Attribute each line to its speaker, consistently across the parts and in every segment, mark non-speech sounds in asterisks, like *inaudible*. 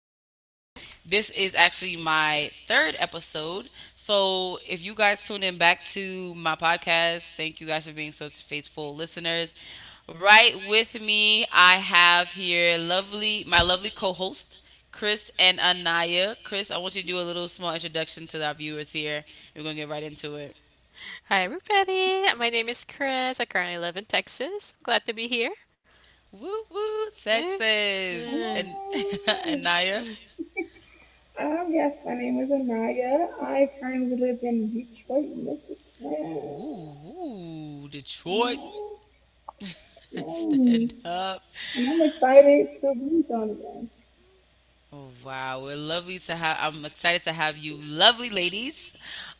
Speaker 1: New. This is actually my third episode. So if you guys tune in back to my podcast, thank you guys for being such faithful listeners. Right with me, I have here lovely my lovely co-host, Chris and Anaya. Chris, I want you to do a little small introduction to our viewers here. We're gonna get right into it.
Speaker 2: Hi, everybody. My name is Chris. I currently live in Texas. I'm glad to be here.
Speaker 1: Woo woo,
Speaker 2: Eh,
Speaker 1: sexes
Speaker 2: eh,
Speaker 1: and *laughs*
Speaker 3: Oh,
Speaker 1: Anaya.
Speaker 3: yes, my name is Anaya. I currently live in Detroit, Michigan.
Speaker 1: Woo, woo, Detroit,
Speaker 3: Mm.
Speaker 1: *laughs* stand up.
Speaker 3: And I'm excited to be on again.
Speaker 1: Oh wow, we're lovely to have. I'm excited to have you, lovely ladies.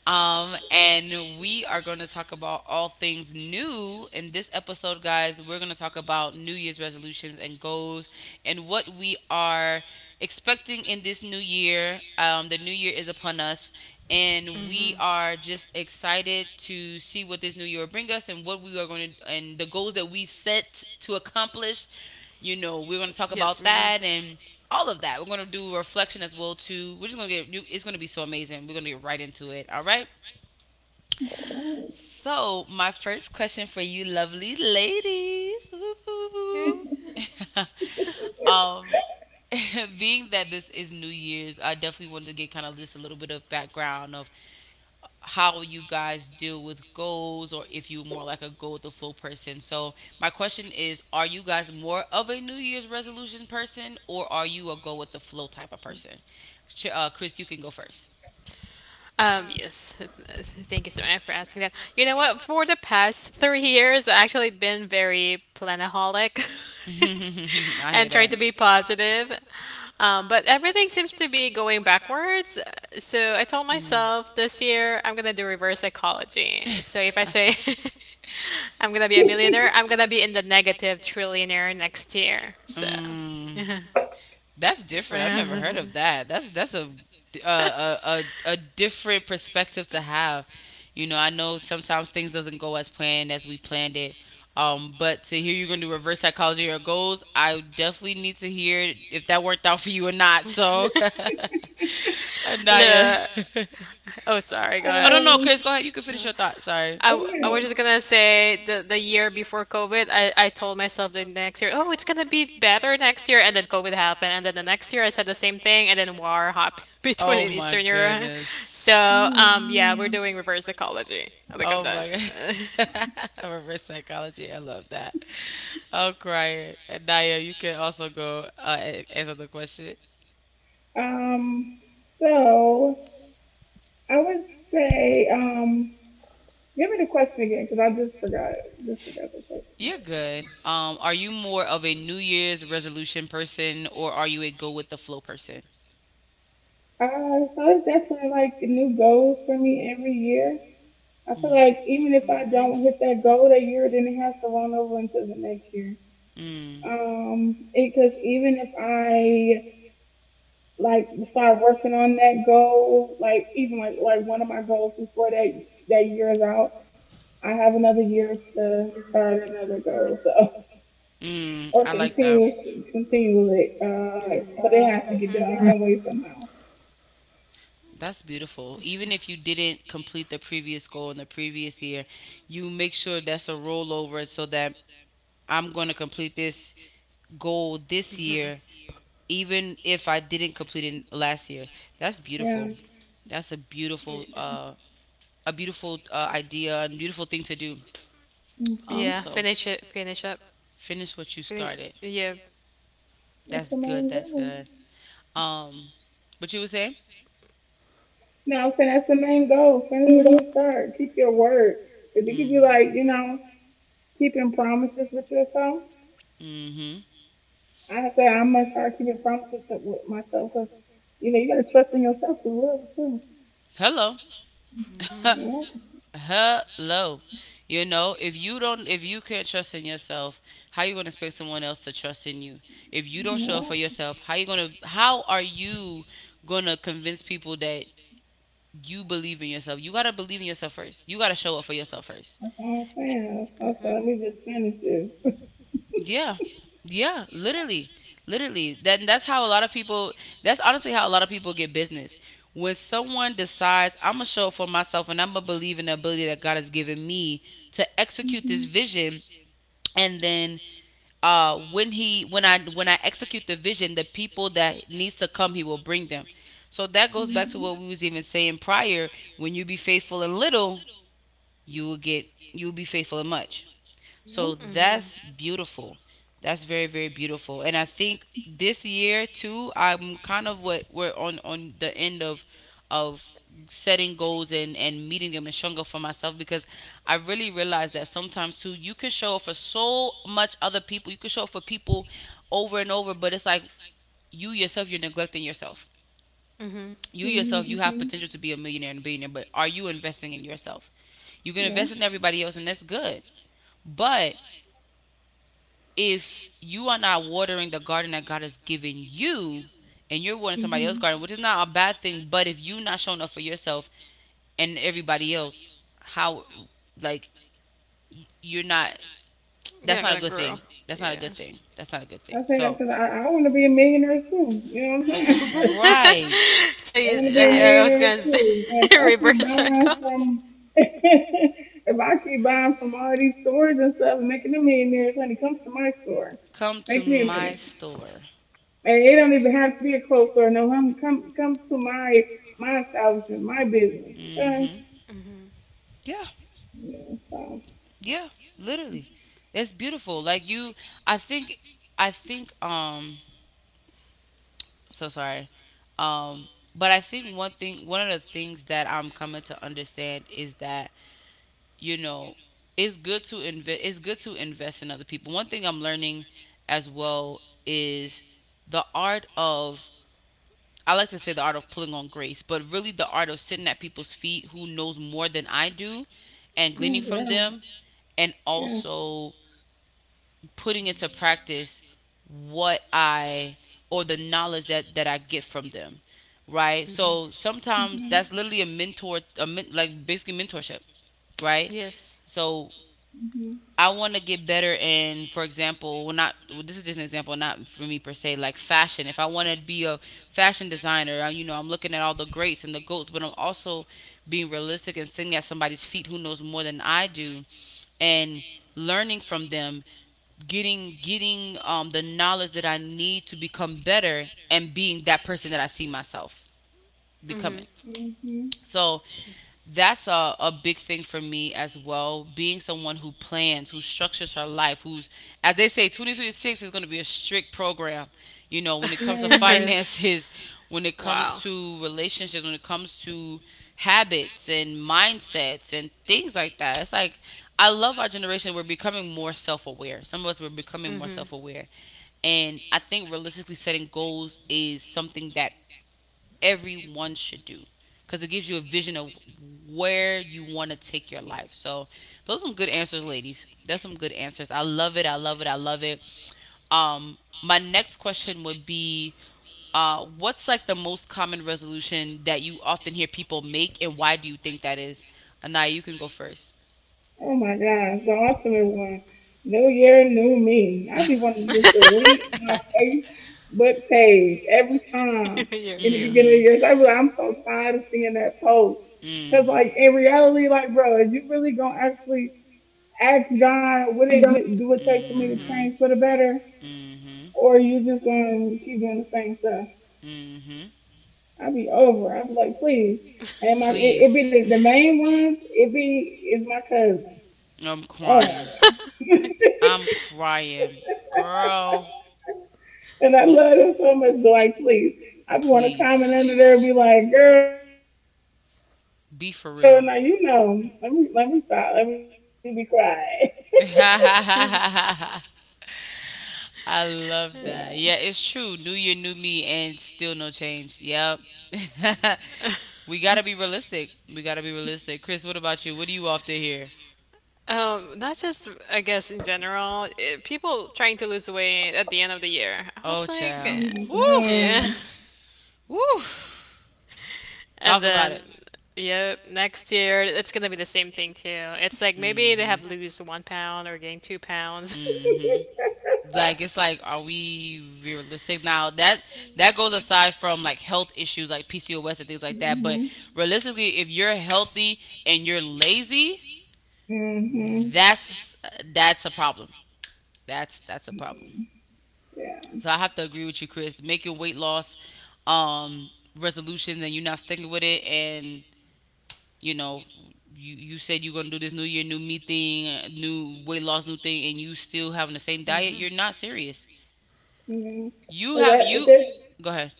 Speaker 1: And we are going to talk about all things new in this episode, guys. We're going to talk about New Year's resolutions and goals and what we are expecting in this new year. The new year is upon us, and we
Speaker 2: mhm.
Speaker 1: are just excited to see what this new year will bring us and what we are going to and the goals that we set to accomplish. You know, we're going to talk
Speaker 2: Yes,
Speaker 1: about
Speaker 2: ma'am.
Speaker 1: that and all of that. We're gonna do a reflection as well too. We're just gonna get it's gonna be so amazing. We're gonna get right into it. All right.
Speaker 3: Mm.
Speaker 1: So my first question for you, lovely ladies. *laughs* Whoop,
Speaker 2: Eh.
Speaker 1: whoop, whoop. *laughs* um, *laughs* being that this is New Year's, I definitely wanted to get kind of just a little bit of background of how you guys deal with goals or if you're more like a go with the flow person. So, my question is are you guys more of a New Year's resolution person or are you a go with the flow type of person? Chris, you can go first.
Speaker 2: Yes. *laughs* Thank you so much for asking that. You know what? For the past 3 years, I've actually been very planaholic
Speaker 1: *laughs* I
Speaker 2: *laughs*
Speaker 1: hear I
Speaker 2: and
Speaker 1: that.
Speaker 2: tried to be positive. But everything seems to be going backwards. So I told myself
Speaker 1: Mm.
Speaker 2: this year I'm gonna do reverse psychology. So if I say
Speaker 1: *laughs*
Speaker 2: *laughs* I'm gonna be a millionaire,
Speaker 3: *laughs*
Speaker 2: I'm gonna be in the negative trillionaire next
Speaker 1: *laughs*
Speaker 2: year. So. *laughs*
Speaker 1: Mm. That's different. I've never heard of that. That's a a a, a, a different perspective to have. You know, I know sometimes things doesn't go as planned as we planned it. But to hear you're gonna do reverse psychology of your goals, I definitely need to hear if that worked out for you or not. So, *laughs* Anaya.
Speaker 2: Look.
Speaker 1: *laughs*
Speaker 2: Oh, sorry. Go
Speaker 1: oh no
Speaker 2: ahead.
Speaker 1: no,
Speaker 3: Um,
Speaker 1: Chris, go ahead. You can finish your thought. Sorry.
Speaker 2: I,
Speaker 1: That's
Speaker 2: w- I
Speaker 3: yeah.
Speaker 2: was just gonna say the year before COVID, I told myself the next year, oh, it's gonna be better next year, and then COVID happened, and then the next year I said the same thing, and then war happened *laughs* between
Speaker 1: Oh
Speaker 2: in
Speaker 1: my
Speaker 2: Eastern Europe. *laughs*
Speaker 1: goodness.
Speaker 2: So yeah, we're
Speaker 3: Mm.
Speaker 2: doing reverse ecology. Like I'm
Speaker 1: Oh
Speaker 2: done.
Speaker 1: my God.
Speaker 2: *laughs*
Speaker 1: *laughs* Reverse psychology. I love that. I'm crying. And Naya, you can also go answer the question.
Speaker 3: Um, so I would say, um, give me the question again because I just forgot it. Just forgot the question.
Speaker 1: You're good. Are you more of a New Year's resolution person or are you a go with the flow person?
Speaker 3: So it's definitely like new goals for me every year. I feel like even if
Speaker 1: Hmm
Speaker 3: I don't
Speaker 2: Nice.
Speaker 3: hit that goal that year, then it has to roll over into the next year.
Speaker 1: Mm,
Speaker 3: Because even if I like start working on that goal, like even like one of my goals before that year is out, I have another year to start another goal. So, *laughs*
Speaker 1: mm,
Speaker 3: or
Speaker 1: I like that.
Speaker 3: continue with it. But it has to get
Speaker 2: Hmm.
Speaker 3: done some way somehow.
Speaker 1: That's beautiful. Even if you didn't complete the previous goal in the previous year, you make sure that's a rollover so that I'm going to complete this goal this year, even if I didn't complete it last year. That's
Speaker 3: Yeah.
Speaker 1: beautiful. That's
Speaker 2: Yeah.
Speaker 1: a beautiful idea and beautiful thing to do.
Speaker 3: Mhm.
Speaker 1: Um,
Speaker 2: Yeah,
Speaker 1: so
Speaker 2: finish it, finish up.
Speaker 1: finish what you
Speaker 2: Finish
Speaker 1: started.
Speaker 2: yeah.
Speaker 3: That's
Speaker 1: That's
Speaker 3: the
Speaker 1: good.
Speaker 3: main
Speaker 1: That's
Speaker 3: goal.
Speaker 1: good. Um, what you were saying?
Speaker 3: No, I'm saying that's the main goal. Finish what you start. Keep your word. If you could be like,
Speaker 1: Mm-hmm.
Speaker 3: keeping promises with yourself,
Speaker 1: Mm-hmm.
Speaker 3: I have to say, I must start keeping promises with myself because, you gotta trust in yourself as well too.
Speaker 1: Hello.
Speaker 2: Mhm.
Speaker 3: You know,
Speaker 1: *laughs* Hello. You know, if you can't trust in yourself, how you gonna expect someone else to trust in you? If you don't show up
Speaker 3: yeah,
Speaker 1: for yourself, how are you gonna convince people that you believe in yourself? You gotta believe in yourself first. You gotta show up for yourself first.
Speaker 3: that's what I'm saying. Okay, let
Speaker 2: Mhm.
Speaker 3: me just finish this.
Speaker 1: Yeah. Yeah, literally. Literally. That's how a lot of people that's honestly how a lot of people get business. When someone decides I'm gonna show up for myself and I'm gonna believe in the ability that God has given me to execute this
Speaker 3: Mhm,
Speaker 1: vision, and then when I execute the vision, the people that needs to come he will bring them. So that goes back to
Speaker 3: mhm,
Speaker 1: what we was even saying prior, when you be faithful in little you will get you will be faithful in much.
Speaker 3: yeah,
Speaker 1: So
Speaker 2: Mhm.
Speaker 1: that's beautiful. That's very, very beautiful. And I think this year too, I'm kind of what we're on the end of setting goals and meeting them and showing up for myself, because I really realized that sometimes too you can show up for so much other people. You can show up for people over and over, but it's like you yourself you're neglecting yourself.
Speaker 2: Mhm.
Speaker 1: You
Speaker 3: mhm,
Speaker 1: yourself you have
Speaker 3: mhm,
Speaker 1: potential to be a millionaire and a billionaire, but are you investing in yourself? You can
Speaker 3: yeah.
Speaker 1: invest in everybody else and that's good. But if you are not watering the garden that God has given you and you're watering somebody else's
Speaker 3: Mhm.
Speaker 1: garden, which is not a bad thing, but if you're not showing up for yourself and everybody else, how, like, you're not,
Speaker 2: You're
Speaker 1: that's
Speaker 2: not
Speaker 1: not a
Speaker 2: gonna
Speaker 1: good
Speaker 2: grow.
Speaker 1: thing. That's not a
Speaker 2: Yeah.
Speaker 1: good thing. That's not a good
Speaker 3: I
Speaker 1: thing.
Speaker 3: say that
Speaker 1: So,
Speaker 3: because I want to be a millionaire too. You know what I'm
Speaker 2: *laughs*
Speaker 3: saying?
Speaker 1: right,
Speaker 2: so
Speaker 3: I
Speaker 2: you
Speaker 3: want to
Speaker 1: *laughs*
Speaker 3: be a
Speaker 2: I,
Speaker 1: Right.
Speaker 2: I was
Speaker 3: millionaire
Speaker 2: gonna say
Speaker 3: too. And if
Speaker 2: *laughs*
Speaker 3: I keep
Speaker 2: reverse
Speaker 3: buying
Speaker 2: psychology.
Speaker 3: from, *laughs* if I keep buying from all these stores and stuff and making them millionaires, honey, come to my store,
Speaker 1: Come to
Speaker 3: make me a
Speaker 1: my
Speaker 3: millionaire.
Speaker 1: store.
Speaker 3: And it don't even have to be a clothes store. No, come, come, come to my establishment, my business. Okay?
Speaker 1: Mm-hmm.
Speaker 2: Mhm.
Speaker 1: Yeah.
Speaker 3: Yeah. So,
Speaker 1: Yeah, literally. It's beautiful. Like you I think I think um so sorry. Um but I think one thing one of the things that I'm coming to understand is that, you know, it's good to invest in other people. One thing I'm learning as well is the art of I like to say the art of pulling on grace, but really the art of sitting at people's feet who knows more than I do and gleaning
Speaker 2: Mhm.
Speaker 1: from
Speaker 3: girl.
Speaker 1: them, and
Speaker 3: Yeah.
Speaker 1: also putting into practice what I or the knowledge that that I get from them, right?
Speaker 2: Mhm.
Speaker 1: So sometimes that's literally a mentor, a men, like basically mentorship, right? Yes.
Speaker 2: Yes.
Speaker 1: So
Speaker 3: Mhm.
Speaker 1: I want to get better in, for example, well, not well, this is just an example, not for me per se, like fashion. If I want to be a fashion designer, I, you know, I'm looking at all the greats and the goats, but I'm also being realistic and sitting at somebody's feet who knows more than I do, and learning from them, getting the knowledge that I need to become better, and being that person that I see myself
Speaker 2: Mhm.
Speaker 1: becoming.
Speaker 3: Mhm.
Speaker 1: So that's a big thing for me as well. Being someone who plans, who structures her life, who's, as they say, 2026 is going to be a strict program. You know, when it comes to *laughs*
Speaker 2: *laughs*
Speaker 3: Man.
Speaker 1: finances, when it comes to relationships, when it comes to habits and mindsets and things like that. It's like, I love our generation. We're becoming more self aware. Some of us, we're becoming more self aware. And I think realistically setting goals is something that everyone should do, because it gives you a vision of where you want to take your life. So those are some good answers, ladies. That's some good answers. I love it. I love it. I love it. My next question would be, what's like the most common resolution that you often hear people make, and why do you think that is? Anaya, you can go first.
Speaker 3: Oh my gosh, the ultimate one. New year, new me. I be wanting to just delete my
Speaker 2: *laughs*
Speaker 1: *laughs*
Speaker 3: Facebook page every time
Speaker 2: You're
Speaker 3: in the
Speaker 2: you.
Speaker 3: beginning of the year.
Speaker 1: mm-hmm.
Speaker 3: I be like, I'm so tired of seeing that post. 'Cause
Speaker 1: Mm.
Speaker 3: like in reality, like bro, is you really gonna actually ask God what it do it take for me to
Speaker 1: Mm-hmm.
Speaker 3: change for the better,
Speaker 2: *laughs*
Speaker 1: Mm-hmm.
Speaker 3: or you just gonna keep doing the same stuff?
Speaker 1: Mm-hmm.
Speaker 3: I be over. I be like, please. And my it be
Speaker 1: Please.
Speaker 3: the main ones. It be is my cousin.
Speaker 1: I'm
Speaker 3: Oh.
Speaker 1: crying.
Speaker 3: *laughs*
Speaker 1: I'm crying. Girl,
Speaker 3: And I love it so much. So like, please, I want to
Speaker 1: please
Speaker 3: comment under there and be
Speaker 1: be
Speaker 3: like, girl, now you know. Let me
Speaker 1: for
Speaker 3: stop. Let
Speaker 1: real.
Speaker 3: me be
Speaker 1: *laughs*
Speaker 3: quiet. *laughs* Yeah.
Speaker 1: I
Speaker 2: *laughs*
Speaker 1: love that. Yeah,
Speaker 2: *laughs*
Speaker 1: it's true. New year, new me, and still no change. Yep. *laughs* We gotta be realistic. We gotta be realistic. Chris, what about you? What do you often hear?
Speaker 2: Not just, I guess, in general, people trying to lose weight at the end of the year. I
Speaker 1: Oh,
Speaker 2: was like,
Speaker 3: Oh
Speaker 1: child.
Speaker 2: eh,
Speaker 3: my
Speaker 1: *laughs* Woo,
Speaker 2: yeah. *laughs*
Speaker 3: god.
Speaker 1: woo.
Speaker 2: And
Speaker 1: Talk about it.
Speaker 2: then, yeah, next year, it's gonna be the same thing too. It's like maybe they
Speaker 1: Mm-hmm.
Speaker 2: have
Speaker 1: Mhm.
Speaker 2: lose 1 pound or gain 2 pounds.
Speaker 1: gain
Speaker 2: *laughs*
Speaker 1: hmm *laughs* Like it's like, are we realistic now? That that goes aside from like health issues like PCOS and things like that. But
Speaker 3: Mhm.
Speaker 1: realistically, if you're healthy and you're lazy,
Speaker 3: Mhm.
Speaker 1: that's that's a problem. That's a problem.
Speaker 3: Yeah.
Speaker 1: So I have to agree with you, Chris. Making weight loss um resolutions and you're not sticking with it, and you know you said you're gonna do this new year new me thing, new weight loss new thing, and you still having the same diet, you're not serious,
Speaker 3: Mhm.
Speaker 1: you
Speaker 3: Is
Speaker 1: have
Speaker 3: that is
Speaker 1: you
Speaker 3: it?
Speaker 1: go ahead.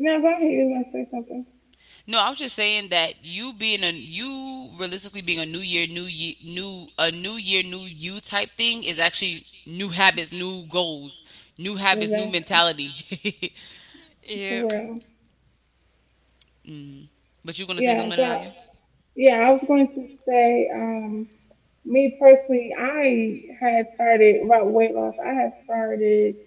Speaker 3: No, go ahead. You was gonna say something?
Speaker 1: No, I was just saying that you realistically being a new year new you type thing is actually new habits new goals, new
Speaker 3: Is
Speaker 1: habits new
Speaker 3: that
Speaker 1: mentality.
Speaker 2: You,
Speaker 3: for real?
Speaker 1: *laughs* hmm But you gonna say
Speaker 3: Yeah.
Speaker 1: something,
Speaker 3: So
Speaker 1: Anaya?
Speaker 3: yeah, I was going to say. Me personally, I had started about weight loss. I had started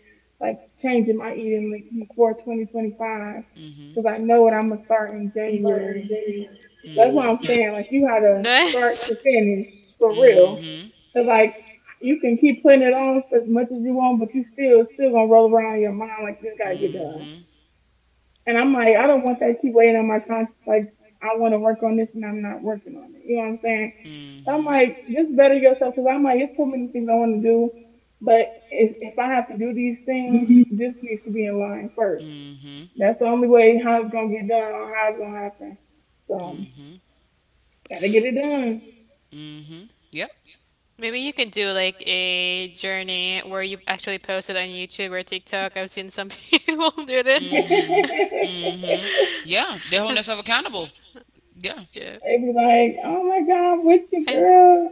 Speaker 3: like changing my eating like before 2025 because
Speaker 1: Mm-hmm
Speaker 3: I know what I'm gonna start in January. That's what I'm
Speaker 1: mm-hmm
Speaker 3: saying. Like you
Speaker 2: *laughs*
Speaker 3: gotta start
Speaker 2: nice.
Speaker 3: to finish for real.
Speaker 1: mm-hmm
Speaker 3: 'Cause like you can keep putting it off as much as you want, but you still gonna roll around in your mind like this gotta get done.
Speaker 1: mm-hmm
Speaker 3: And I'm like, I don't want that to keep weighing on my conscience. Like I want to work on this and I'm not working on it. You know what I'm saying? I'm like,
Speaker 1: mm
Speaker 3: just better yourself because I'm like, it's so many things I want to do, but if I have to do these things, this needs to be in line first.
Speaker 1: mm-hmm
Speaker 3: That's the only way how it's gonna get done or how it's gonna happen. So
Speaker 1: Mhm.
Speaker 3: gotta get it done.
Speaker 1: Mhm. Yep.
Speaker 2: Maybe you can do like a journey where you actually post it on YouTube or TikTok. I've seen some *laughs* people do
Speaker 1: *laughs*
Speaker 2: that.
Speaker 1: Mhm.
Speaker 3: *laughs*
Speaker 1: Mhm. Yeah, they're holding themselves accountable.
Speaker 2: *laughs*
Speaker 1: Yeah.
Speaker 2: Yeah.
Speaker 3: They be like, oh my god, I'm with you,
Speaker 2: I,
Speaker 3: girl.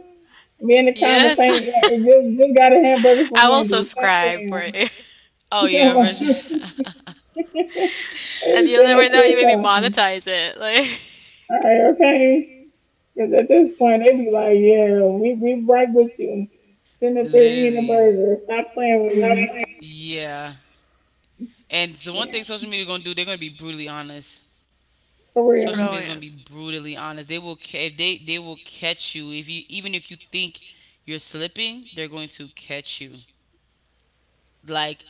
Speaker 3: Me in the comments
Speaker 2: yes.
Speaker 3: saying, yeah, just got a hamburger
Speaker 2: *laughs*
Speaker 3: from
Speaker 2: I will
Speaker 3: Wendy's. Stop
Speaker 2: subscribe for
Speaker 3: playing.
Speaker 2: it. *laughs*
Speaker 3: *laughs*
Speaker 1: Oh yeah,
Speaker 3: Come
Speaker 1: for
Speaker 3: on.
Speaker 1: sure.
Speaker 3: *laughs* They
Speaker 2: And
Speaker 3: be
Speaker 2: you'll
Speaker 3: saying that
Speaker 2: never know, you
Speaker 3: shit so
Speaker 2: maybe
Speaker 3: often.
Speaker 2: monetize it. Like
Speaker 3: All right, okay. Because at this point, they be like, yeah, we right with you.
Speaker 1: *laughs*
Speaker 3: Sitting up there eating a
Speaker 1: Literally.
Speaker 3: burger. Stop playing with me.
Speaker 1: Yeah. And the one thing
Speaker 3: Yeah,
Speaker 1: social media gonna do, they're gonna be brutally honest.
Speaker 3: for
Speaker 2: *laughs*
Speaker 1: Social
Speaker 3: real.
Speaker 2: Oh
Speaker 1: media is gonna be
Speaker 2: yes.
Speaker 1: brutally honest. They will ca- if they they will catch you if you even if you think you're slipping, they're going to catch you. Like,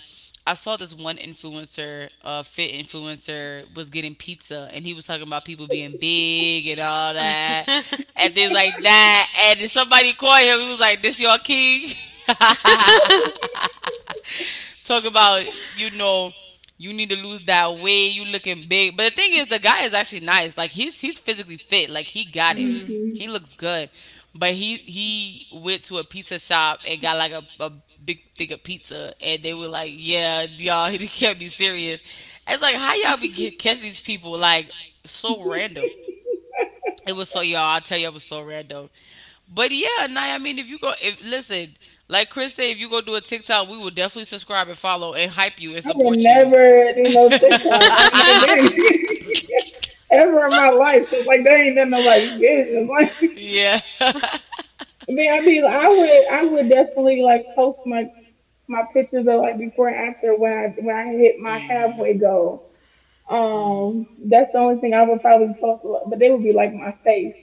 Speaker 1: I saw this one influencer, fit influencer, was getting pizza, and he was talking about people being big and all that, and things like that. And then somebody called him. He was like, "This your king." *laughs*
Speaker 2: *laughs*
Speaker 1: Talk about you know you need to lose that weight. You looking big, but the thing is, the guy is actually nice. Like he's physically fit. Like he got it. He
Speaker 3: Hmm.
Speaker 1: looks good, but he went to a pizza shop and got like a big thing of pizza, and they were like, "Yeah, y'all, *laughs* he can't be serious." It's like how y'all be catching these people like so random. It was so y'all. I tell you, it was so random. But yeah, Nye, I mean, if you go, if listen, like Chris said, if you go do a TikTok, we will definitely subscribe and follow and hype you and
Speaker 3: I would
Speaker 1: support. *laughs*
Speaker 3: never
Speaker 1: *laughs*
Speaker 3: do no TikTok on that
Speaker 2: *laughs*
Speaker 3: journey. *laughs* Ever in my life. 'Cause like, that ain't none of my business. *laughs* Like,
Speaker 1: *laughs* Yeah. *laughs* If I.
Speaker 3: I mean, I would definitely like post my pictures of like before and after when when I hit my halfway goal. That's the only thing I would probably post, a lot, but they would be like my face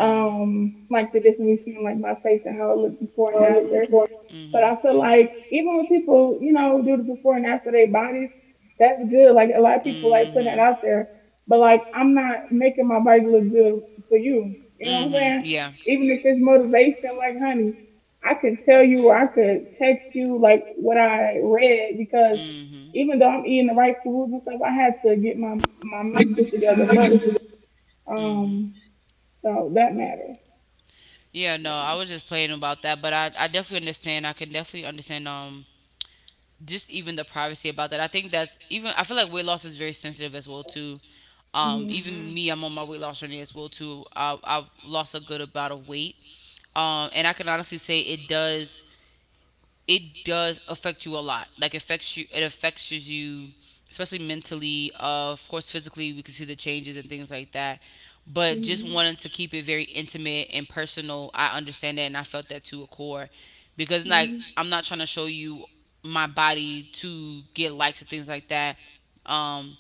Speaker 3: like the difference between like my face and how it looked before and after. But
Speaker 1: Mhm.
Speaker 3: I feel like even when people, do the before and after their bodies, that's good. Like a lot of people like putting that out there, but like I'm not making my body look good for you. You know
Speaker 1: You
Speaker 3: what I'm
Speaker 1: know what?
Speaker 3: saying?
Speaker 1: Yeah.
Speaker 3: Even if it's motivation, like honey, I can tell you or I could text you like what I read because
Speaker 1: Mhm.
Speaker 3: even though I'm eating the right foods and stuff, I had to get my mental together. *laughs* Um, so that matters.
Speaker 1: Yeah, no, I was just playing about that, but I definitely understand. I can definitely understand just even the privacy about that. I think that's even I feel like weight loss is very sensitive as well too.
Speaker 3: Mhm.
Speaker 2: Mhm.
Speaker 1: Even me, I'm on my weight
Speaker 2: Mhm.
Speaker 1: loss journey as well too. I've lost a good amount of weight. And I can honestly say it does affect you a lot. Like it affects you, especially mentally. Of course, physically, we can see the changes and things like that. But just
Speaker 3: Mhm.
Speaker 1: wanting to keep it very intimate and personal, I understand that, and I felt that to a core, because like
Speaker 3: Mhm.
Speaker 1: I'm not trying to show you my body to get likes and things like that. Um,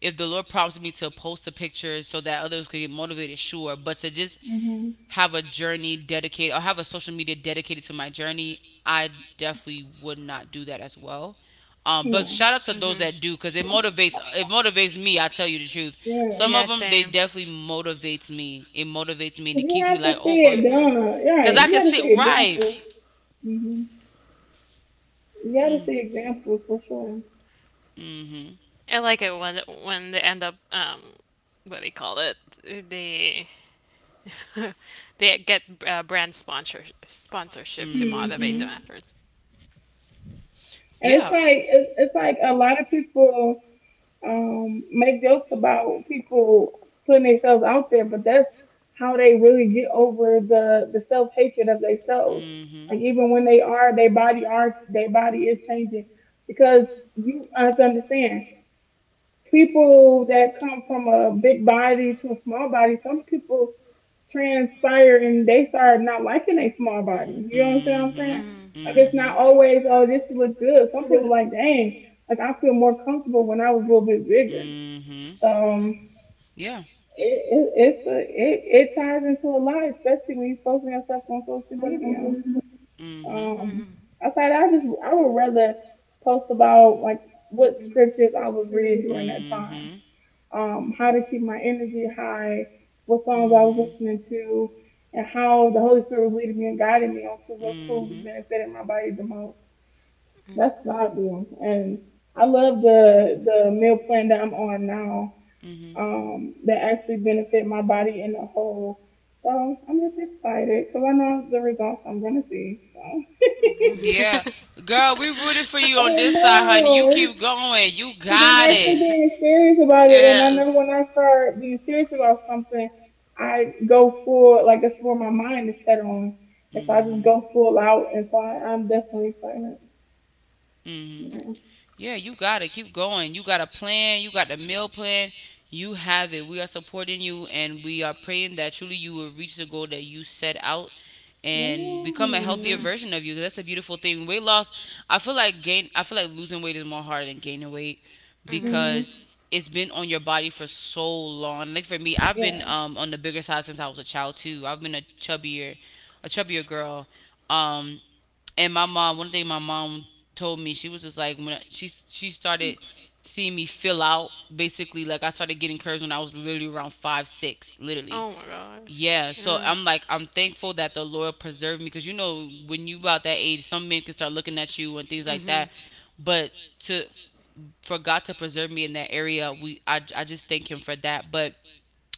Speaker 1: if the Lord prompts me to post a picture so that others could get motivated, sure. But to just
Speaker 3: Mhm.
Speaker 1: have a journey dedicated or have a social media dedicated to my journey, I definitely would not do that as well. But
Speaker 3: Yeah.
Speaker 1: shout out to those
Speaker 2: Mhm.
Speaker 1: that do because it motivates me. I tell you the truth,
Speaker 3: Yeah.
Speaker 1: some of
Speaker 2: Yeah,
Speaker 1: them they
Speaker 2: same.
Speaker 1: definitely motivates me. It motivates me and
Speaker 3: 'Cause
Speaker 1: it
Speaker 3: you
Speaker 1: keeps me
Speaker 3: have to
Speaker 1: like, oh
Speaker 3: see
Speaker 1: girl,
Speaker 3: it
Speaker 2: Mhm.
Speaker 3: done.
Speaker 1: because
Speaker 3: Right.
Speaker 1: I
Speaker 3: You
Speaker 1: can
Speaker 3: got to
Speaker 1: sit
Speaker 3: see
Speaker 1: right.
Speaker 3: examples. Mhm. You got to
Speaker 1: Mm.
Speaker 3: see examples for sure.
Speaker 1: Mhm.
Speaker 2: I like it when they end up what they call it they *laughs* they get brand sponsorship to
Speaker 1: Mm.
Speaker 2: motivate them
Speaker 1: Mhm.
Speaker 3: Mhm.
Speaker 2: afterwards.
Speaker 3: And it's
Speaker 1: Yeah.
Speaker 3: like it's, it's like a lot of people make jokes about people putting themselves out there, but that's how they really get over the self hatred of themselves.
Speaker 1: Mm.
Speaker 3: Like
Speaker 1: Mhm.
Speaker 3: even when they are their body is changing because you have to understand people that come from a big body to a small body, some people transpire and they start not liking a small
Speaker 1: Nobody. You.
Speaker 3: body. You know what I'm saying?
Speaker 1: Mm-hmm.
Speaker 3: Like it's not always, oh, this look good. Some people like, dang, like I feel more comfortable when I was a little bit bigger.
Speaker 1: Mm-hmm.
Speaker 3: Um,
Speaker 1: Yeah.
Speaker 3: it, it ties into a lot, especially when you're posting yourself on social media.
Speaker 1: Mm-hmm.
Speaker 2: Saying?
Speaker 3: Um,
Speaker 2: Mhm.
Speaker 3: I thought I just I would rather post about like what scriptures I was reading during that time, how to keep my energy high, what songs I was
Speaker 1: Mhm.
Speaker 3: listening to, and how the Holy Spirit was leading me and guiding me onto what food benefited my body the most.
Speaker 2: Mhm.
Speaker 3: That's
Speaker 2: Mhm. Mm.
Speaker 3: what
Speaker 2: Mhm.
Speaker 3: I do, and I love the meal plan that I'm on now.
Speaker 1: Mm-hmm.
Speaker 3: That actually benefit my body in the whole. So I'm just excited because I know the results I'm gonna see. So. *laughs*
Speaker 2: I didn't experience
Speaker 1: Yeah.
Speaker 2: it. *laughs*
Speaker 1: *laughs* Girl, we rooted for you on
Speaker 3: Oh
Speaker 1: going.
Speaker 3: no!
Speaker 1: You.
Speaker 3: Because I'm actually
Speaker 2: *laughs* Mm
Speaker 3: being serious
Speaker 2: hmm.
Speaker 3: about it, and I know
Speaker 2: Mm.
Speaker 3: when I start being serious about something, I go full like it's where my mind is set on, and so I just
Speaker 1: If.
Speaker 3: go full out, and so I'm definitely excited.
Speaker 1: Mm-hmm.
Speaker 3: Yeah.
Speaker 1: Yeah, you got to keep going. You got a plan. You got the meal plan. You have it. We are supporting you and we are praying that truly you will reach the goal that you set out and become a healthier version of you. That's a beautiful thing. Weight loss, I feel like losing weight is more hard than gaining weight
Speaker 2: Mhm.
Speaker 3: Mhm.
Speaker 1: because it's been on your body for so long. Like for me, I've been
Speaker 3: Yeah.
Speaker 1: on the bigger side since I was a child too. I've been a chubbier girl. Um and my mom, one thing my mom told me, she was just like, she started seeing me fill out basically, like I started getting curves when I was literally around 5, 6, literally.
Speaker 2: My gosh.
Speaker 1: Yeah, so I'm like, I'm thankful that the Lord preserved me because you know when you about that age, some men can start looking at you and things like that, but to for God to preserve me in that area, we I just thank Him for that. But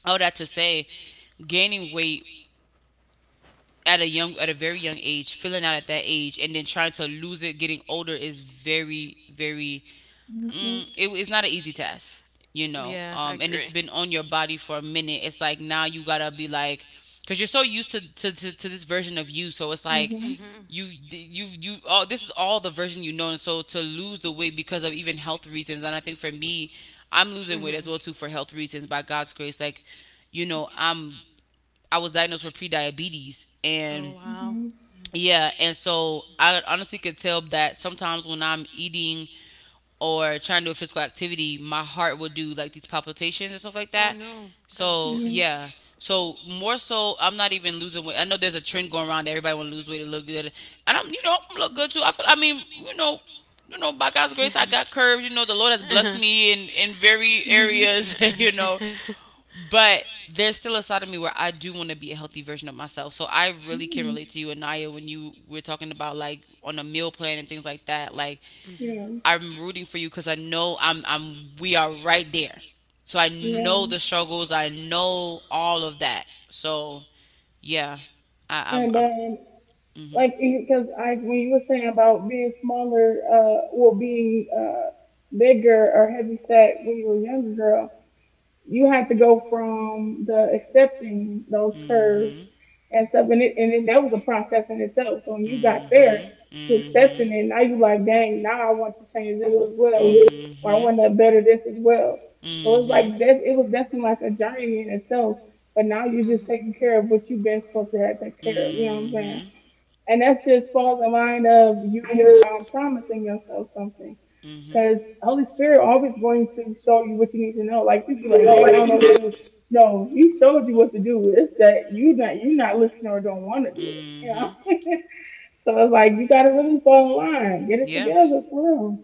Speaker 1: all that to say, gaining weight at a very young age, filling out at that age, and then trying to lose it getting older is very very
Speaker 3: Mhm.
Speaker 1: it's not an easy test, you
Speaker 2: That. When you
Speaker 1: know,
Speaker 2: yeah, I
Speaker 1: and
Speaker 2: come
Speaker 1: it's
Speaker 2: home
Speaker 1: been on your body for a minute. It's like now you gotta be like, because you're so used to, to this version of you, so it's like,
Speaker 3: Mhm.
Speaker 2: I'm
Speaker 1: you you all this is all the version you know. And so to lose the weight because of even health reasons, and I think for me, I'm losing weight
Speaker 2: the
Speaker 1: as well too for health reasons, by God's grace. Like, you know, I was diagnosed with pre-diabetes. And
Speaker 2: wow.
Speaker 3: Mhm.
Speaker 1: yeah, and so I honestly could tell that sometimes when I'm eating or trying to do a physical activity, my heart will do like these palpitations and stuff like that.
Speaker 2: No, God bless so
Speaker 1: So
Speaker 2: your
Speaker 3: Mhm.
Speaker 2: heart.
Speaker 1: yeah, so more so, I'm not even losing weight. I know there's a trend going around, that everybody want to lose weight to look good, and I'm you know I'm look good too. I mean, you know, by God's grace, I got curves. You know the Lord has blessed me in very
Speaker 3: Mhm.
Speaker 1: areas. *laughs*
Speaker 2: *laughs*
Speaker 1: You know,
Speaker 2: *laughs*
Speaker 1: but there's still a side of me where I do want to be a healthy version of myself. So I really can
Speaker 3: Mhm.
Speaker 1: relate to you, Anaya, when you were talking about like on a meal plan and things like that. Like,
Speaker 3: Yeah.
Speaker 2: Mhm.
Speaker 1: I'm rooting for you because I know I'm we are right there. So I know
Speaker 3: Yeah.
Speaker 1: the struggles. I know all of that. So yeah, I I'm,
Speaker 3: And
Speaker 1: I'm Mhm.
Speaker 3: like because I when you were saying about being smaller, or being bigger or heavy set when you were a younger girl. You had to go from the accepting those curves
Speaker 1: Mhm.
Speaker 3: and stuff, that was a process in itself. So when you got
Speaker 1: Mhm.
Speaker 3: there to
Speaker 1: Mhm.
Speaker 3: accepting it, now
Speaker 1: Mhm.
Speaker 3: you like, dang, now I want to change this as well, or I want to better this as well. So it's
Speaker 1: Mhm.
Speaker 3: like that. It was definitely like a journey in itself. But now you're just taking care of what you've been supposed to have to take care of. You know what I'm saying?
Speaker 1: Mhm.
Speaker 3: And that just falls in line of you promising yourself something
Speaker 1: Mhm.
Speaker 3: because Holy Spirit always going to show you what you need to know. Like you be like, "Dang, I don't know what
Speaker 1: Mhm.
Speaker 3: to do." No, he showed you what to do. It's that you not listening or don't want to do it. You know?
Speaker 1: Mhm.
Speaker 3: *laughs* So it's like you gotta really fall in line. Get it
Speaker 1: Yeah.
Speaker 3: together for real.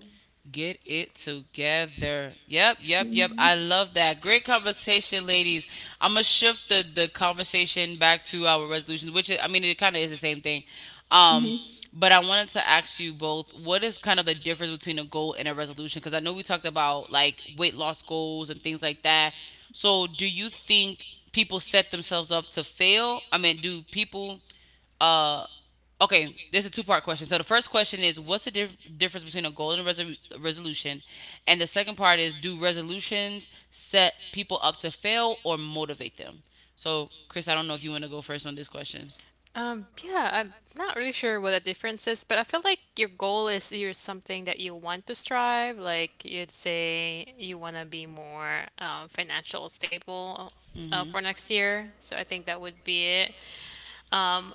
Speaker 1: Get it together. Yep, yep, yep. I
Speaker 3: Mm-hmm.
Speaker 1: love that. Great conversation, ladies. I'm gonna shift the conversation back to our resolutions, which is, I mean, it kind of is the same thing. Um, but I wanted to ask you both, what is kind of the difference between a goal and a resolution? Because I know we talked about like weight loss goals and things like that. So, do you think people set themselves up to fail? I mean, do people uh okay, there's a two-part question. So the first question is, what's the difference between a goal and a resolution? And the second part is, do resolutions set people up to fail or motivate them? So, Chris, I don't know if you want to go first on this question.
Speaker 2: Yeah, I'm not really sure what the difference is, but I feel like your goal is you're something that you want to strive. Like you'd say you want to be more financial stable
Speaker 1: Mm. Mhm.
Speaker 2: for next year. So I think that would be it. Um,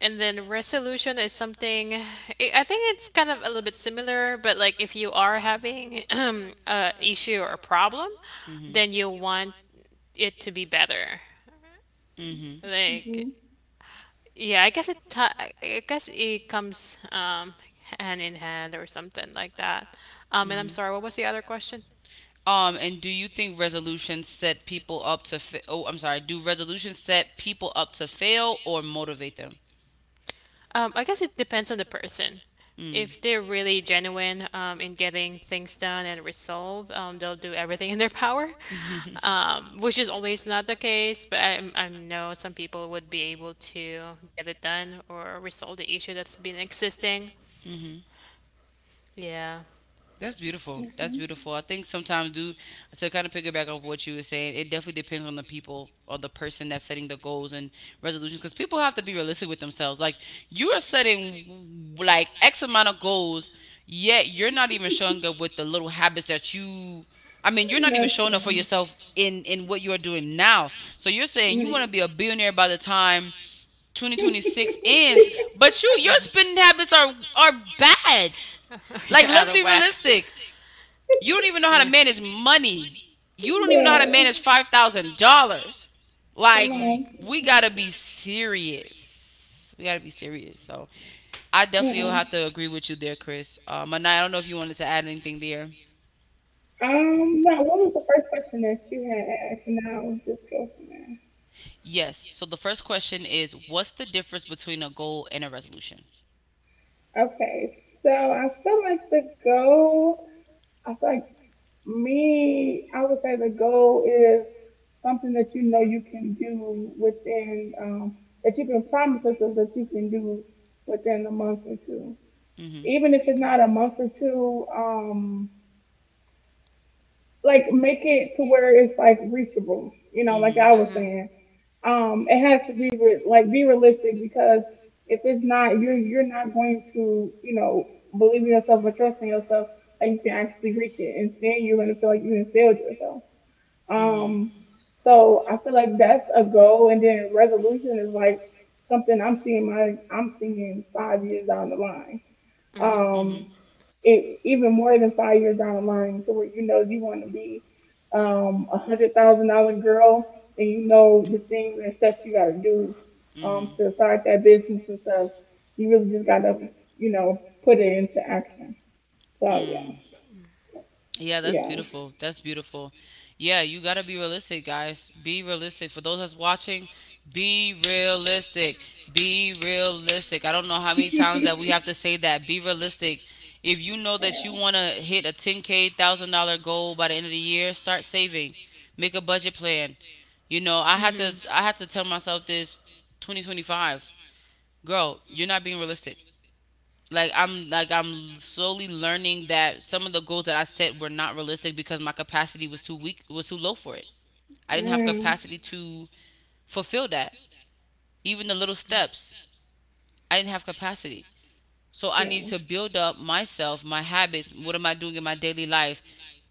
Speaker 2: and then resolution is something. I think it's kind of a little bit similar, but like if you are having *clears throat* a issue or a problem, then
Speaker 1: Mm.
Speaker 2: you want it to be better.
Speaker 1: Mhm. Mhm.
Speaker 3: Mm-hmm.
Speaker 2: Like
Speaker 3: Mm-hmm.
Speaker 2: yeah, I guess it ti I guess it comes hand in hand or something like that. And I'm
Speaker 1: Mhm.
Speaker 2: sorry, what was the other question?
Speaker 1: And do you think resolutions set people up to oh, I'm sorry. Do resolutions set people up to fail or motivate them?
Speaker 2: I guess it depends on the person.
Speaker 1: Mm.
Speaker 2: If they're really genuine in getting things done and resolved, they'll do everything in their power, *laughs*
Speaker 1: Hmm.
Speaker 2: which is always not the case. But I know some people would be able to get it done or resolve the issue that's been existing.
Speaker 1: Hmm. *laughs*
Speaker 2: Yeah.
Speaker 1: That's beautiful. That's
Speaker 3: Mm-hmm.
Speaker 1: beautiful. I think sometimes, do to kind of piggyback off what you were saying, it definitely depends on the people or the person that's setting the goals and resolutions, because people have to be realistic with themselves. Like, you are setting like X amount of goals, yet you're not even showing up with the little habits that you. I mean, you're not even showing up for
Speaker 3: Nothing.
Speaker 1: yourself in what you are doing now. So you're saying you
Speaker 3: Mm.
Speaker 1: want to be a billionaire by the time 2026 ends. But your spending habits are bad.
Speaker 2: *laughs*
Speaker 1: Like,
Speaker 2: Yeah, out
Speaker 1: let's
Speaker 2: of
Speaker 1: be
Speaker 2: whack.
Speaker 1: realistic. You don't even know how to
Speaker 2: Yeah.
Speaker 1: manage money. You don't even know how to manage
Speaker 3: Bro.
Speaker 1: $5,000. Like,
Speaker 3: Come on.
Speaker 1: we gotta be serious. We gotta be serious. So, I definitely will
Speaker 3: Yeah.
Speaker 1: have to agree with you there, Chris. And I don't know if you wanted to add anything there.
Speaker 3: Now what was the first question that you had asked? And I'll just go from there.
Speaker 1: Yes. So the first question is, what's the difference between a goal and a resolution?
Speaker 3: Okay. So, I feel like the goal I feel like me, I would say the goal is something that you know you can do within, that you can promise yourself that you can do within a month or two.
Speaker 1: Mm-hmm.
Speaker 3: Even if it's not a month or two, like make it to where it's like reachable, like I was
Speaker 1: Mm-hmm.
Speaker 3: saying. It has to be like be realistic because if it's not, you're not going to, believe in yourself or trust in yourself that you can actually reach it, and then you're going to feel like you have failed yourself.
Speaker 1: I,
Speaker 3: Um,
Speaker 1: mm-hmm.
Speaker 3: so I feel like that's a goal, and then resolution is like something I'm seeing 5 years down the line.
Speaker 2: Mm-hmm.
Speaker 3: Um, Even more than five years down the line, to where you know you want to be $100,000 girl, and you know the things and steps you gotta do
Speaker 1: Mm-hmm.
Speaker 3: to
Speaker 1: Mm-hmm.
Speaker 3: start that business and stuff. You really just gotta put it into action. So
Speaker 1: Mm.
Speaker 3: yeah,
Speaker 1: Yeah, that's
Speaker 3: yeah,
Speaker 1: beautiful. That's beautiful. Yeah, you got to be realistic, guys. Be realistic. For those that's watching, be realistic. Be realistic. I don't know how many times that we have to say that.
Speaker 2: *laughs*
Speaker 1: Be realistic. If you know that
Speaker 3: yeah,
Speaker 1: you want to hit a 10K, $1,000 goal by the end of the year, start saving. Make a budget plan. You know, I had
Speaker 2: Mhm.
Speaker 1: to I had to tell myself this 2025. Girl, you're not being realistic, like I'm slowly learning that some of the goals that I set were not realistic because my capacity was too low for it. I didn't have
Speaker 3: yeah,
Speaker 1: capacity to fulfill that, even the little steps. I didn't have capacity. So I need
Speaker 3: yeah,
Speaker 1: to build up myself, my habits. What am I doing in my daily life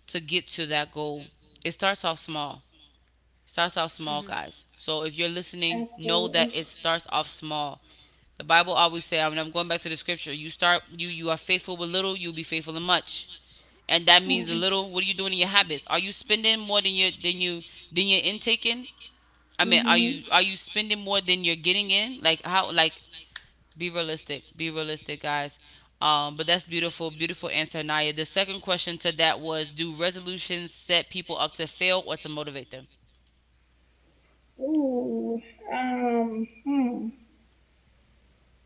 Speaker 1: to get to that goal? It starts off small. Starts off small, guys. So if you're listening, know that
Speaker 3: absolutely.
Speaker 1: it starts off small. The Bible always says, I mean, I'm going back to the scripture, you start you you are faithful with little, you'll be faithful in much. And that means a
Speaker 3: Yeah.
Speaker 1: little. What are you doing in your habits? Are you spending more than you're intaking? I mean, are you
Speaker 3: Mhm.
Speaker 1: are you spending more than you're getting in, like, how? Like, be realistic, be realistic guys. But that's beautiful, beautiful answer, Naya. The second question to that was, do resolutions set people up to fail or to motivate them?
Speaker 3: Ooh. Hmm.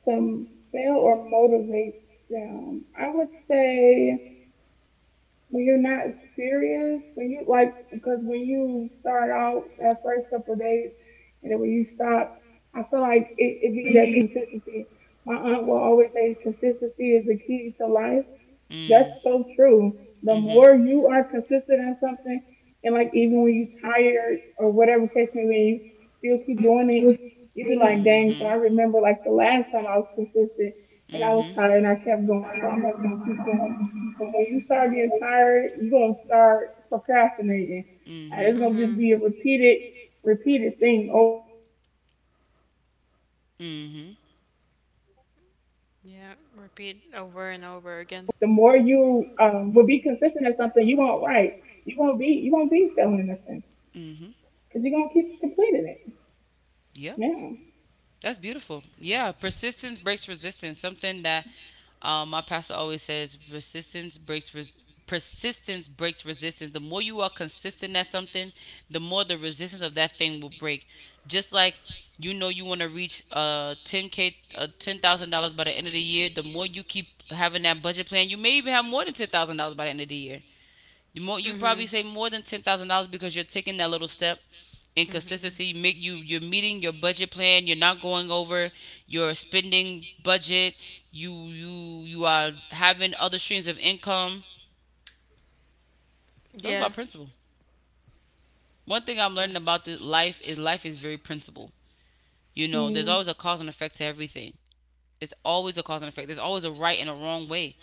Speaker 3: To fail or motivate them, I would say when you're not serious, when you like, because when you start out that first couple of days, and then when you stop, I feel like it be that consistency. My aunt will always say consistency is the key to life.
Speaker 1: Mm,
Speaker 3: That's so true. The more
Speaker 1: mm-hmm.
Speaker 3: you are consistent in something, and like even when you're tired or whatever case may be, you still keep doing it. You be like, dang. So I
Speaker 1: Mm,
Speaker 3: remember like the last time I was consistent
Speaker 1: mhm.
Speaker 3: and I was
Speaker 1: Mm,
Speaker 3: tired and
Speaker 1: mhm.
Speaker 3: I kept going. So I'm just gonna keep going. But when you start getting tired, you're gonna start procrastinating.
Speaker 1: Mm,
Speaker 3: And
Speaker 1: mhm.
Speaker 3: it's gonna
Speaker 1: Mm,
Speaker 3: just be a repeated, repeated thing over and over again. And I
Speaker 1: mhm.
Speaker 3: would say that for
Speaker 1: Mm,
Speaker 3: myself the more
Speaker 2: Yeah.
Speaker 3: you
Speaker 2: Repeat
Speaker 3: will be
Speaker 2: over and
Speaker 3: consistent at
Speaker 2: over
Speaker 3: something
Speaker 2: again.
Speaker 3: you won't write. You won't be failing at nothing because you're gonna keep completing it.
Speaker 1: mhm.
Speaker 3: Yeah.
Speaker 1: Yeah. That's beautiful. Yeah, persistence breaks resistance. Something that My pastor always says persistence breaks persistence breaks resistance. The more you are consistent at something, the more the resistance of that thing will break. Just like, you know, you want to reach 10K, $10,000 by the end of the year. The more you keep having that budget plan, you may even have more than $10,000 by the end of the year. The more you probably
Speaker 2: Mm-hmm.
Speaker 1: save more than $10,000 because you're taking that little step in
Speaker 2: Mm-hmm.
Speaker 1: consistency. Make you you're meeting your budget plan. You're not going over your spending budget. You are having other streams of income. So it's
Speaker 2: Yeah.
Speaker 1: about principle. One thing I'm
Speaker 2: Right.
Speaker 1: learning about this life is very principle. You know, there's
Speaker 3: Mm,
Speaker 1: always a cause and effect to everything. It's always a cause and effect. There's always a right and a wrong way.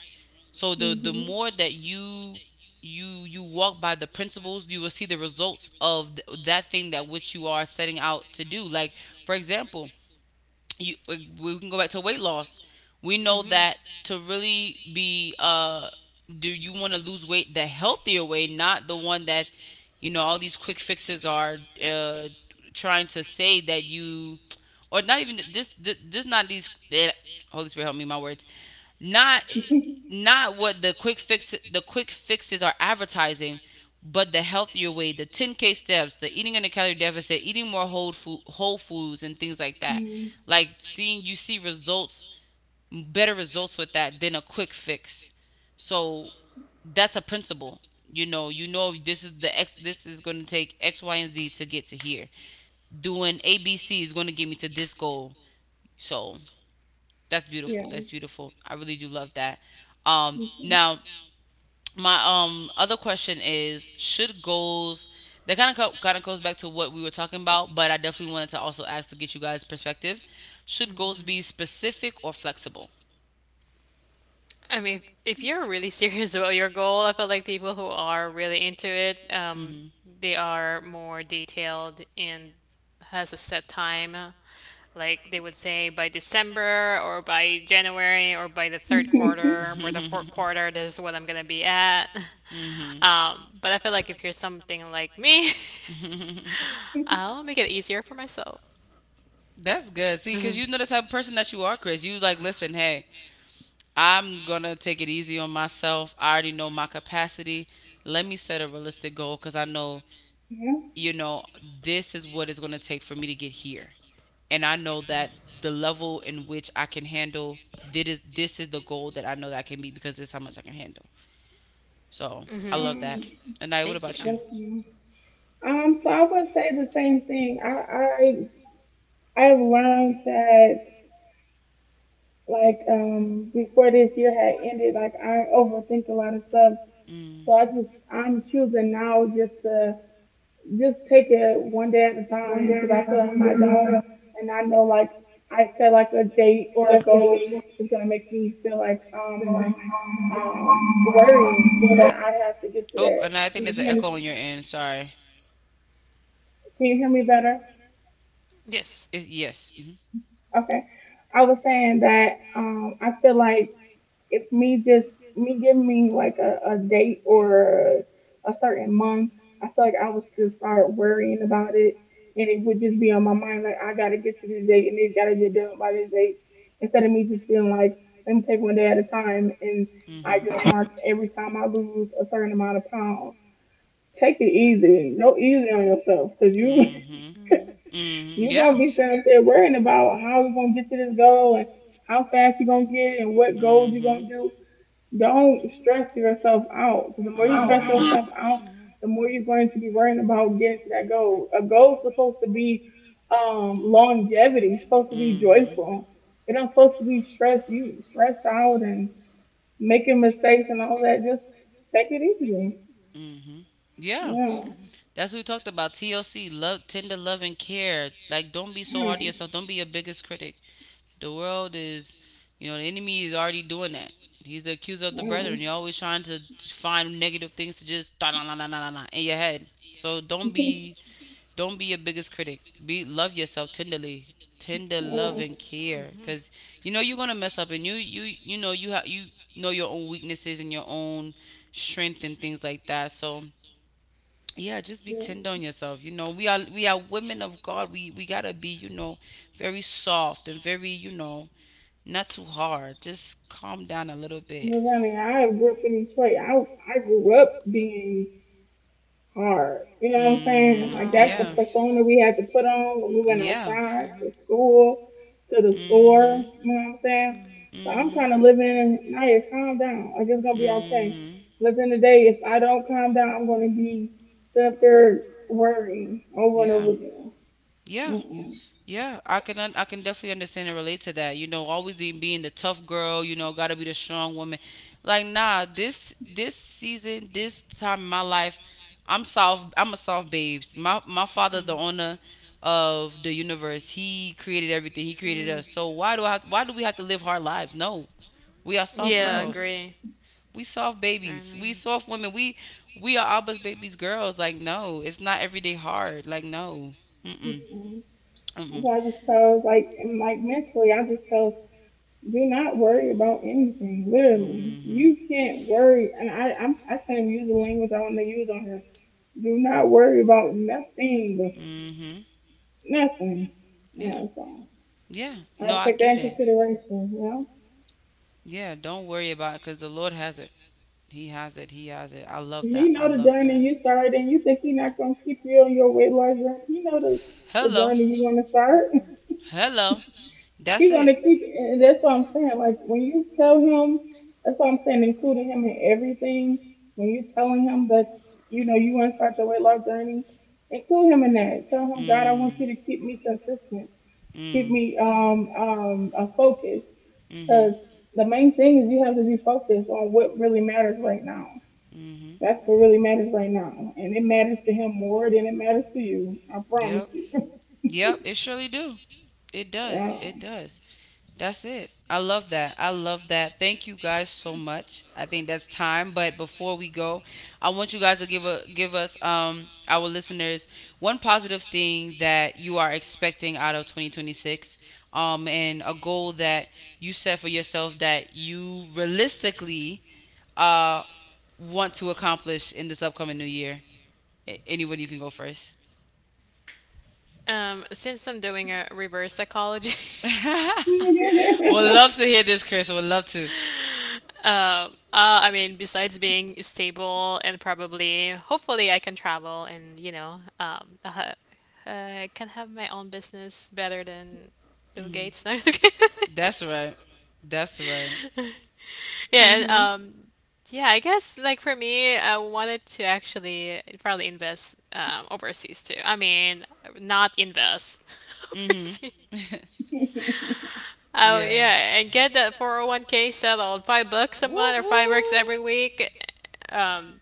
Speaker 1: So the
Speaker 3: mhm.
Speaker 1: more that you walk by the principles, you will see the results of that thing that which you are setting out to do. Like for example, you we can go back to weight loss. We know
Speaker 2: We
Speaker 1: that to really be, do you want to lose weight the healthier way, not the one that you know all these quick fixes are uh trying to say that you or not even just not these Holy Spirit help me my words, not
Speaker 3: *laughs*
Speaker 1: not what the quick fixes are advertising, but the healthier way, the 10k steps, the eating in a calorie deficit, eating more whole foods and things like that.
Speaker 3: mm,
Speaker 1: Like seeing, you see results, better results with that than a quick fix. So that's a principle. You know, you know this is the x, this is going to take x y and z to get to here. Doing abc is going to get me to this goal. So that's beautiful.
Speaker 3: yeah.
Speaker 1: That's beautiful. I really do love that. Um,
Speaker 3: Mhm.
Speaker 1: now my other question is: should goals, that kind of kind of goes back to what we were talking about, but I definitely wanted to also ask to get you guys' perspective. Should
Speaker 2: should.
Speaker 1: goals be specific or flexible?
Speaker 2: I mean, if you're really *laughs* serious about your goal, I feel like people who are really into it,
Speaker 1: Hmm.
Speaker 2: they are more detailed and has a set time. Like they would say by December or by January or by the third quarter
Speaker 3: *laughs*
Speaker 2: or the fourth quarter, this is what I'm gonna be at. But I feel like if you're something like me,
Speaker 1: *laughs* Quarter. Hmm. *laughs*
Speaker 2: *laughs* I'll make it easier for myself. *laughs*
Speaker 1: That's good. See, because
Speaker 2: Hmm.
Speaker 1: you know the type of person that you are, Chris. You like listen. Hey, I'm gonna take it easy on myself. I already know my capacity. Let me set a realistic goal because I know,
Speaker 3: Yeah.
Speaker 1: you know, this is what it's gonna take for me to get here. And I know that the level in which I can handle, this is the goal that I know that I can meet because this is how much I can handle. So I love that.
Speaker 3: Um.
Speaker 1: Anaya, what
Speaker 2: Thank you.
Speaker 1: about you?
Speaker 3: Definitely. So I would say the same thing. I learned that like before this year had ended, like I overthink a lot of stuff.
Speaker 1: Mm.
Speaker 3: So I'm choosing now just to just take it one day at a time because I feel like my daughter and I know like I set like a date or a goal is gonna make me feel like worried that I have to get to
Speaker 1: Oh,
Speaker 3: that.
Speaker 1: Anaya, I think
Speaker 3: You
Speaker 1: there's an echo on
Speaker 3: understand-
Speaker 1: your end. Sorry.
Speaker 3: Can you hear me better?
Speaker 2: Yes.
Speaker 1: It, yes. Mm-hmm.
Speaker 3: Okay. I was saying that I feel like if me just me give me like a date or a certain month, I feel like I would just start worrying about it and it would just be on my mind like I gotta get to this date and it gotta get done by this date instead of me just being like, let me take one day at a time and I
Speaker 1: Hmm.
Speaker 3: just mark every time I lose a certain amount of pounds. Take it easy. No, easy on yourself because
Speaker 1: See
Speaker 3: you
Speaker 1: you.
Speaker 3: *laughs*
Speaker 1: Mm-hmm. Hmm. She.
Speaker 3: you're
Speaker 1: Yeah.
Speaker 3: gonna be sitting up there worrying about how you're gonna get to this goal and how fast you're gonna get it and what goals you're gonna do. Don't stress yourself out because the more you stress yourself out, the more you're going to be worrying about getting to that goal. A goal's supposed to be longevity. It's supposed to be joyful. It don't supposed to be stress. You stressed out and making mistakes and all that. Just take it easy.
Speaker 1: Hmm. Yeah,
Speaker 3: Yeah,
Speaker 2: Hmm.
Speaker 1: that's what we talked about. TLC, love, tender love and care. Like, don't be so hard to
Speaker 3: yeah,
Speaker 1: yourself. Don't be your biggest critic. The world is, you know, the enemy is already doing that. He's the accuser of the
Speaker 3: yeah,
Speaker 1: brethren. You're always trying to find negative things to just da da da da da da in your head. So
Speaker 3: *laughs*
Speaker 1: don't be your biggest critic. Be, love yourself tenderly, tender love
Speaker 3: yeah.
Speaker 1: and care, because you know you're gonna mess up, and you know you have, you know your own weaknesses and your own strength and things like that. So yeah, just be
Speaker 3: Yeah.
Speaker 1: tender on yourself. You know we are women of God. We gotta be, you know, very soft and very, you know, not too hard. Just calm down a little bit.
Speaker 3: Well, Ronnie, I grew up in Detroit. I grew up being hard. You know what I'm saying?
Speaker 2: Like,
Speaker 1: Mhm.
Speaker 3: Like
Speaker 2: oh.
Speaker 3: that's the persona we had to put on when we went
Speaker 1: Yeah.
Speaker 2: When
Speaker 1: Went.
Speaker 3: outside,
Speaker 2: mhm,
Speaker 3: to school,
Speaker 2: class,
Speaker 3: to the store.
Speaker 1: Mhm.
Speaker 3: You know what I'm saying?
Speaker 2: mhm.
Speaker 1: So.
Speaker 3: So I'm
Speaker 1: Mm-hmm.
Speaker 3: kind of
Speaker 1: Mhm.
Speaker 3: living. Naya, calm down. Like it's gonna be okay.
Speaker 1: Mhm.
Speaker 3: Living today. If I don't calm down, I'm gonna be sitting up there worrying over and over again.
Speaker 1: Yeah. Yeah, I can I can definitely understand and relate to that. You know, always being the tough girl, you know, got to be the strong woman. Like, nah, this season, this time in my life, I'm soft. I'm a soft babes. My father,
Speaker 2: Mm.
Speaker 1: the owner of the universe, he created everything. He created
Speaker 2: Mm.
Speaker 1: us. So why do I have, why do we have to live hard lives? No, we are soft I
Speaker 2: Yeah, I
Speaker 3: Mm-mm,
Speaker 1: girls. Agree.
Speaker 2: agree.
Speaker 1: We soft
Speaker 2: I
Speaker 1: babies.
Speaker 2: know.
Speaker 1: We soft women. We are Abba's babies girls. Like, no, it's not everyday hard. Like, no. Mm mm.
Speaker 3: mm-mm.
Speaker 1: Mm mm.
Speaker 3: So I just chose like mentally, I just chose do not worry about anything. Literally,
Speaker 1: Mhm.
Speaker 3: you can't worry, and I can't use the language I want to use on here. Do not worry about nothing,
Speaker 1: Mhm.
Speaker 3: nothing. You
Speaker 1: Yeah.
Speaker 3: know, so
Speaker 1: Yeah. No,
Speaker 3: I
Speaker 1: I
Speaker 3: take that
Speaker 1: get
Speaker 3: in
Speaker 1: it.
Speaker 3: consideration. You know,
Speaker 1: Yeah, don't worry about it cuz the Lord has it. He has it. He has it. I love
Speaker 3: he
Speaker 1: that. I
Speaker 3: know the
Speaker 1: love
Speaker 3: journey
Speaker 1: that.
Speaker 3: you started, and you think he not gonna keep you on your weight loss journey. He know the
Speaker 1: Hello.
Speaker 3: journey you want to start. *laughs*
Speaker 1: Hello. That's
Speaker 3: He
Speaker 1: it.
Speaker 3: gonna keep, and that's what I'm saying. Like when you tell him, that's what I'm saying, including him in everything. When you telling him that you know you want to start your weight loss journey, include him in that. Tell him, God, I want
Speaker 1: Mm.
Speaker 3: you to keep me consistent, keep
Speaker 1: Mm.
Speaker 3: me a focus. Because
Speaker 1: Mhm.
Speaker 3: the main thing is you have to be focused on what really matters right now.
Speaker 1: Mhm.
Speaker 3: That's what really matters right now. And it matters to him more than it matters to you. I
Speaker 1: Yep.
Speaker 3: promise you. *laughs*
Speaker 1: Yep, it surely do. It does.
Speaker 3: Yeah.
Speaker 1: It does. That's it. I love that. I love that. Thank you guys so much. I think that's time. But before we go, I want you guys to give a give us our listeners one positive thing that you are expecting out of 2026, and a goal that you set for yourself that you realistically uh want to accomplish in this upcoming new year. Anyone, you can go first.
Speaker 2: Since I'm doing a reverse psychology, *laughs*
Speaker 1: *laughs* Would love
Speaker 3: *laughs*
Speaker 1: to hear this, Chris. I would love to.
Speaker 2: I mean, besides being stable and probably, hopefully, I can travel and you know, uh, I can have my own business better than Bill
Speaker 1: Hmm.
Speaker 2: Gates. *laughs* No, I'm just kidding.
Speaker 1: *laughs* That's right. That's right.
Speaker 2: Yeah, and,
Speaker 3: Mhm.
Speaker 2: yeah, I guess like for me, I wanted to actually probably invest overseas too. I mean, not invest *laughs*
Speaker 1: Hmm.
Speaker 2: overseas.
Speaker 1: Um. *laughs*
Speaker 3: *laughs*
Speaker 2: Oh yeah, and get that 401k settled. $5 a month or $5 every week. Um,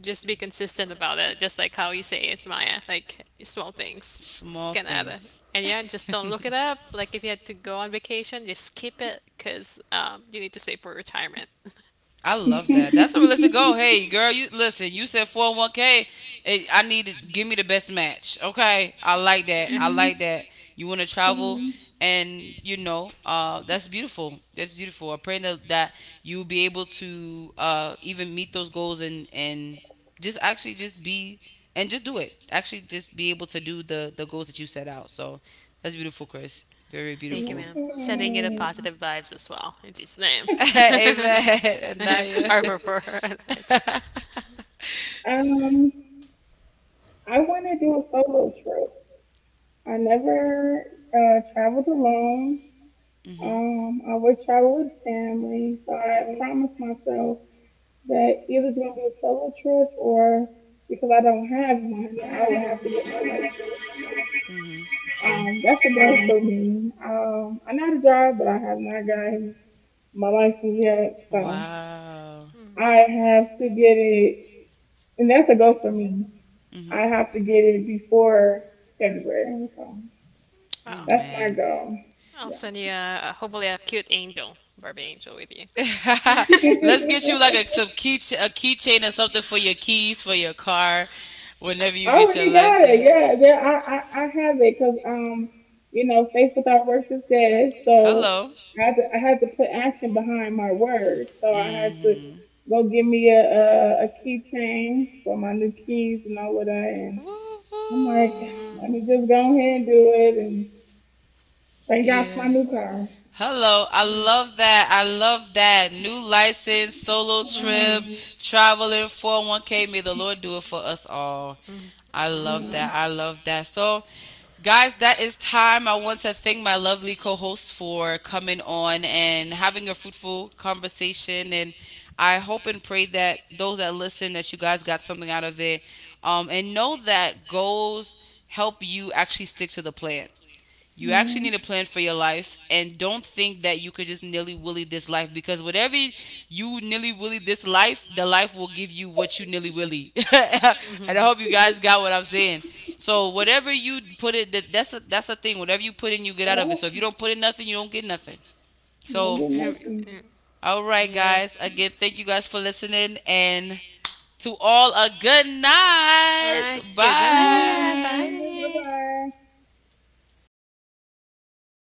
Speaker 2: just be consistent about it, just like how you say it's Maya, like small things. It's
Speaker 1: Small
Speaker 2: gonna
Speaker 1: add
Speaker 2: add up.
Speaker 1: up. *laughs*
Speaker 2: And yeah, just don't look it up. Like if you had to go on vacation, just skip it because you need to save for retirement.
Speaker 1: I love that. That's a realistic goal. Hey, girl, you listen. You said 401 k. Eh, I need to give me the best match. Okay, I like that. I
Speaker 3: Mm,
Speaker 1: like that.
Speaker 2: *laughs*
Speaker 1: You want to
Speaker 3: so,
Speaker 1: travel, and you know, that's beautiful. That's beautiful. I pray that that you'll be able to even meet those goals and just actually just be and just do it. Actually, just be able to do the goals that you set out. So that's beautiful, Chris. Very
Speaker 2: Thank you,
Speaker 1: beautiful.
Speaker 2: ma'am.
Speaker 3: yeah.
Speaker 2: Sending you the positive vibes as well. In Jesus' name.
Speaker 1: It's *laughs*
Speaker 2: *laughs*
Speaker 1: nice.
Speaker 2: *laughs*
Speaker 1: Amen.
Speaker 2: Amen.
Speaker 1: Naya. *laughs*
Speaker 2: Or
Speaker 1: Nice.
Speaker 2: for her. *laughs*
Speaker 3: um, I want to do a solo trip. I never traveled alone.
Speaker 1: Mhm.
Speaker 3: I always travel with family, so I promised
Speaker 1: But.
Speaker 3: myself that either it's gonna be a solo trip or because I don't have one, I would have to get my license.
Speaker 1: Mhm.
Speaker 3: That's a goal for me. I am not a drive, but I have not gotten my license yet, so
Speaker 1: Wow.
Speaker 2: Hmm.
Speaker 3: I have to get it, and that's a goal for me. I
Speaker 1: Mhm.
Speaker 3: have to get it before February, so
Speaker 2: Well,
Speaker 3: that's
Speaker 1: Amen.
Speaker 3: my goal.
Speaker 2: I'll
Speaker 3: Yeah.
Speaker 2: send you a, hopefully a cute angel, Barbie angel with you.
Speaker 1: *laughs* Let's
Speaker 2: *laughs*
Speaker 1: get you like a, some
Speaker 3: *laughs*
Speaker 1: key a keychain or something for your keys for your car whenever you
Speaker 3: I
Speaker 1: get your
Speaker 3: already got it.
Speaker 1: license.
Speaker 3: Yeah,
Speaker 1: God,
Speaker 3: I have it because you know faith without works is dead. So
Speaker 1: hello.
Speaker 3: I had to put action behind my word. So I had to go get me a keychain for my new keys and all of that. And I'm like,
Speaker 2: Your
Speaker 1: Woo.
Speaker 2: car.
Speaker 3: let me
Speaker 2: *laughs*
Speaker 3: just go ahead and do it. And thank God for my
Speaker 1: Yeah.
Speaker 3: new car.
Speaker 1: Hello, I love that. I love that. New license, solo trip,
Speaker 3: Mm,
Speaker 1: traveling 401k. May the Lord do it for us all.
Speaker 2: Mm-hmm.
Speaker 1: I love
Speaker 3: mm,
Speaker 1: that. I love that. So, guys, that is time. I want to thank my lovely co hosts for coming on and having a fruitful conversation. And I hope and pray that those that listen, that you guys got something out of it. And know that goals help you actually stick to the plan. You actually
Speaker 3: mm.
Speaker 1: need a plan for your life and don't think that you could just nilly willy this life because whatever you nilly willy this life, the life will give you what you nilly willy. *laughs*
Speaker 2: Mm-hmm. Trib. Mm-hmm. I love what you nilly
Speaker 1: And I
Speaker 2: willy.
Speaker 1: hope you guys got what I'm saying. So whatever you put it, that, that's a thing. Whatever you put in, you get out of it. So
Speaker 3: Well,
Speaker 1: if you don't put in nothing, you don't get nothing.
Speaker 3: don't
Speaker 1: So
Speaker 3: get
Speaker 2: *laughs* Mm-hmm.
Speaker 3: nothing.
Speaker 2: Oh my.
Speaker 1: all right,
Speaker 2: Yeah.
Speaker 1: guys. Again, thank you guys for listening and to all a good night.
Speaker 2: Hi,
Speaker 3: Good
Speaker 2: goodnight.
Speaker 1: Bye.
Speaker 3: night. Bye
Speaker 2: Bye.
Speaker 3: bye.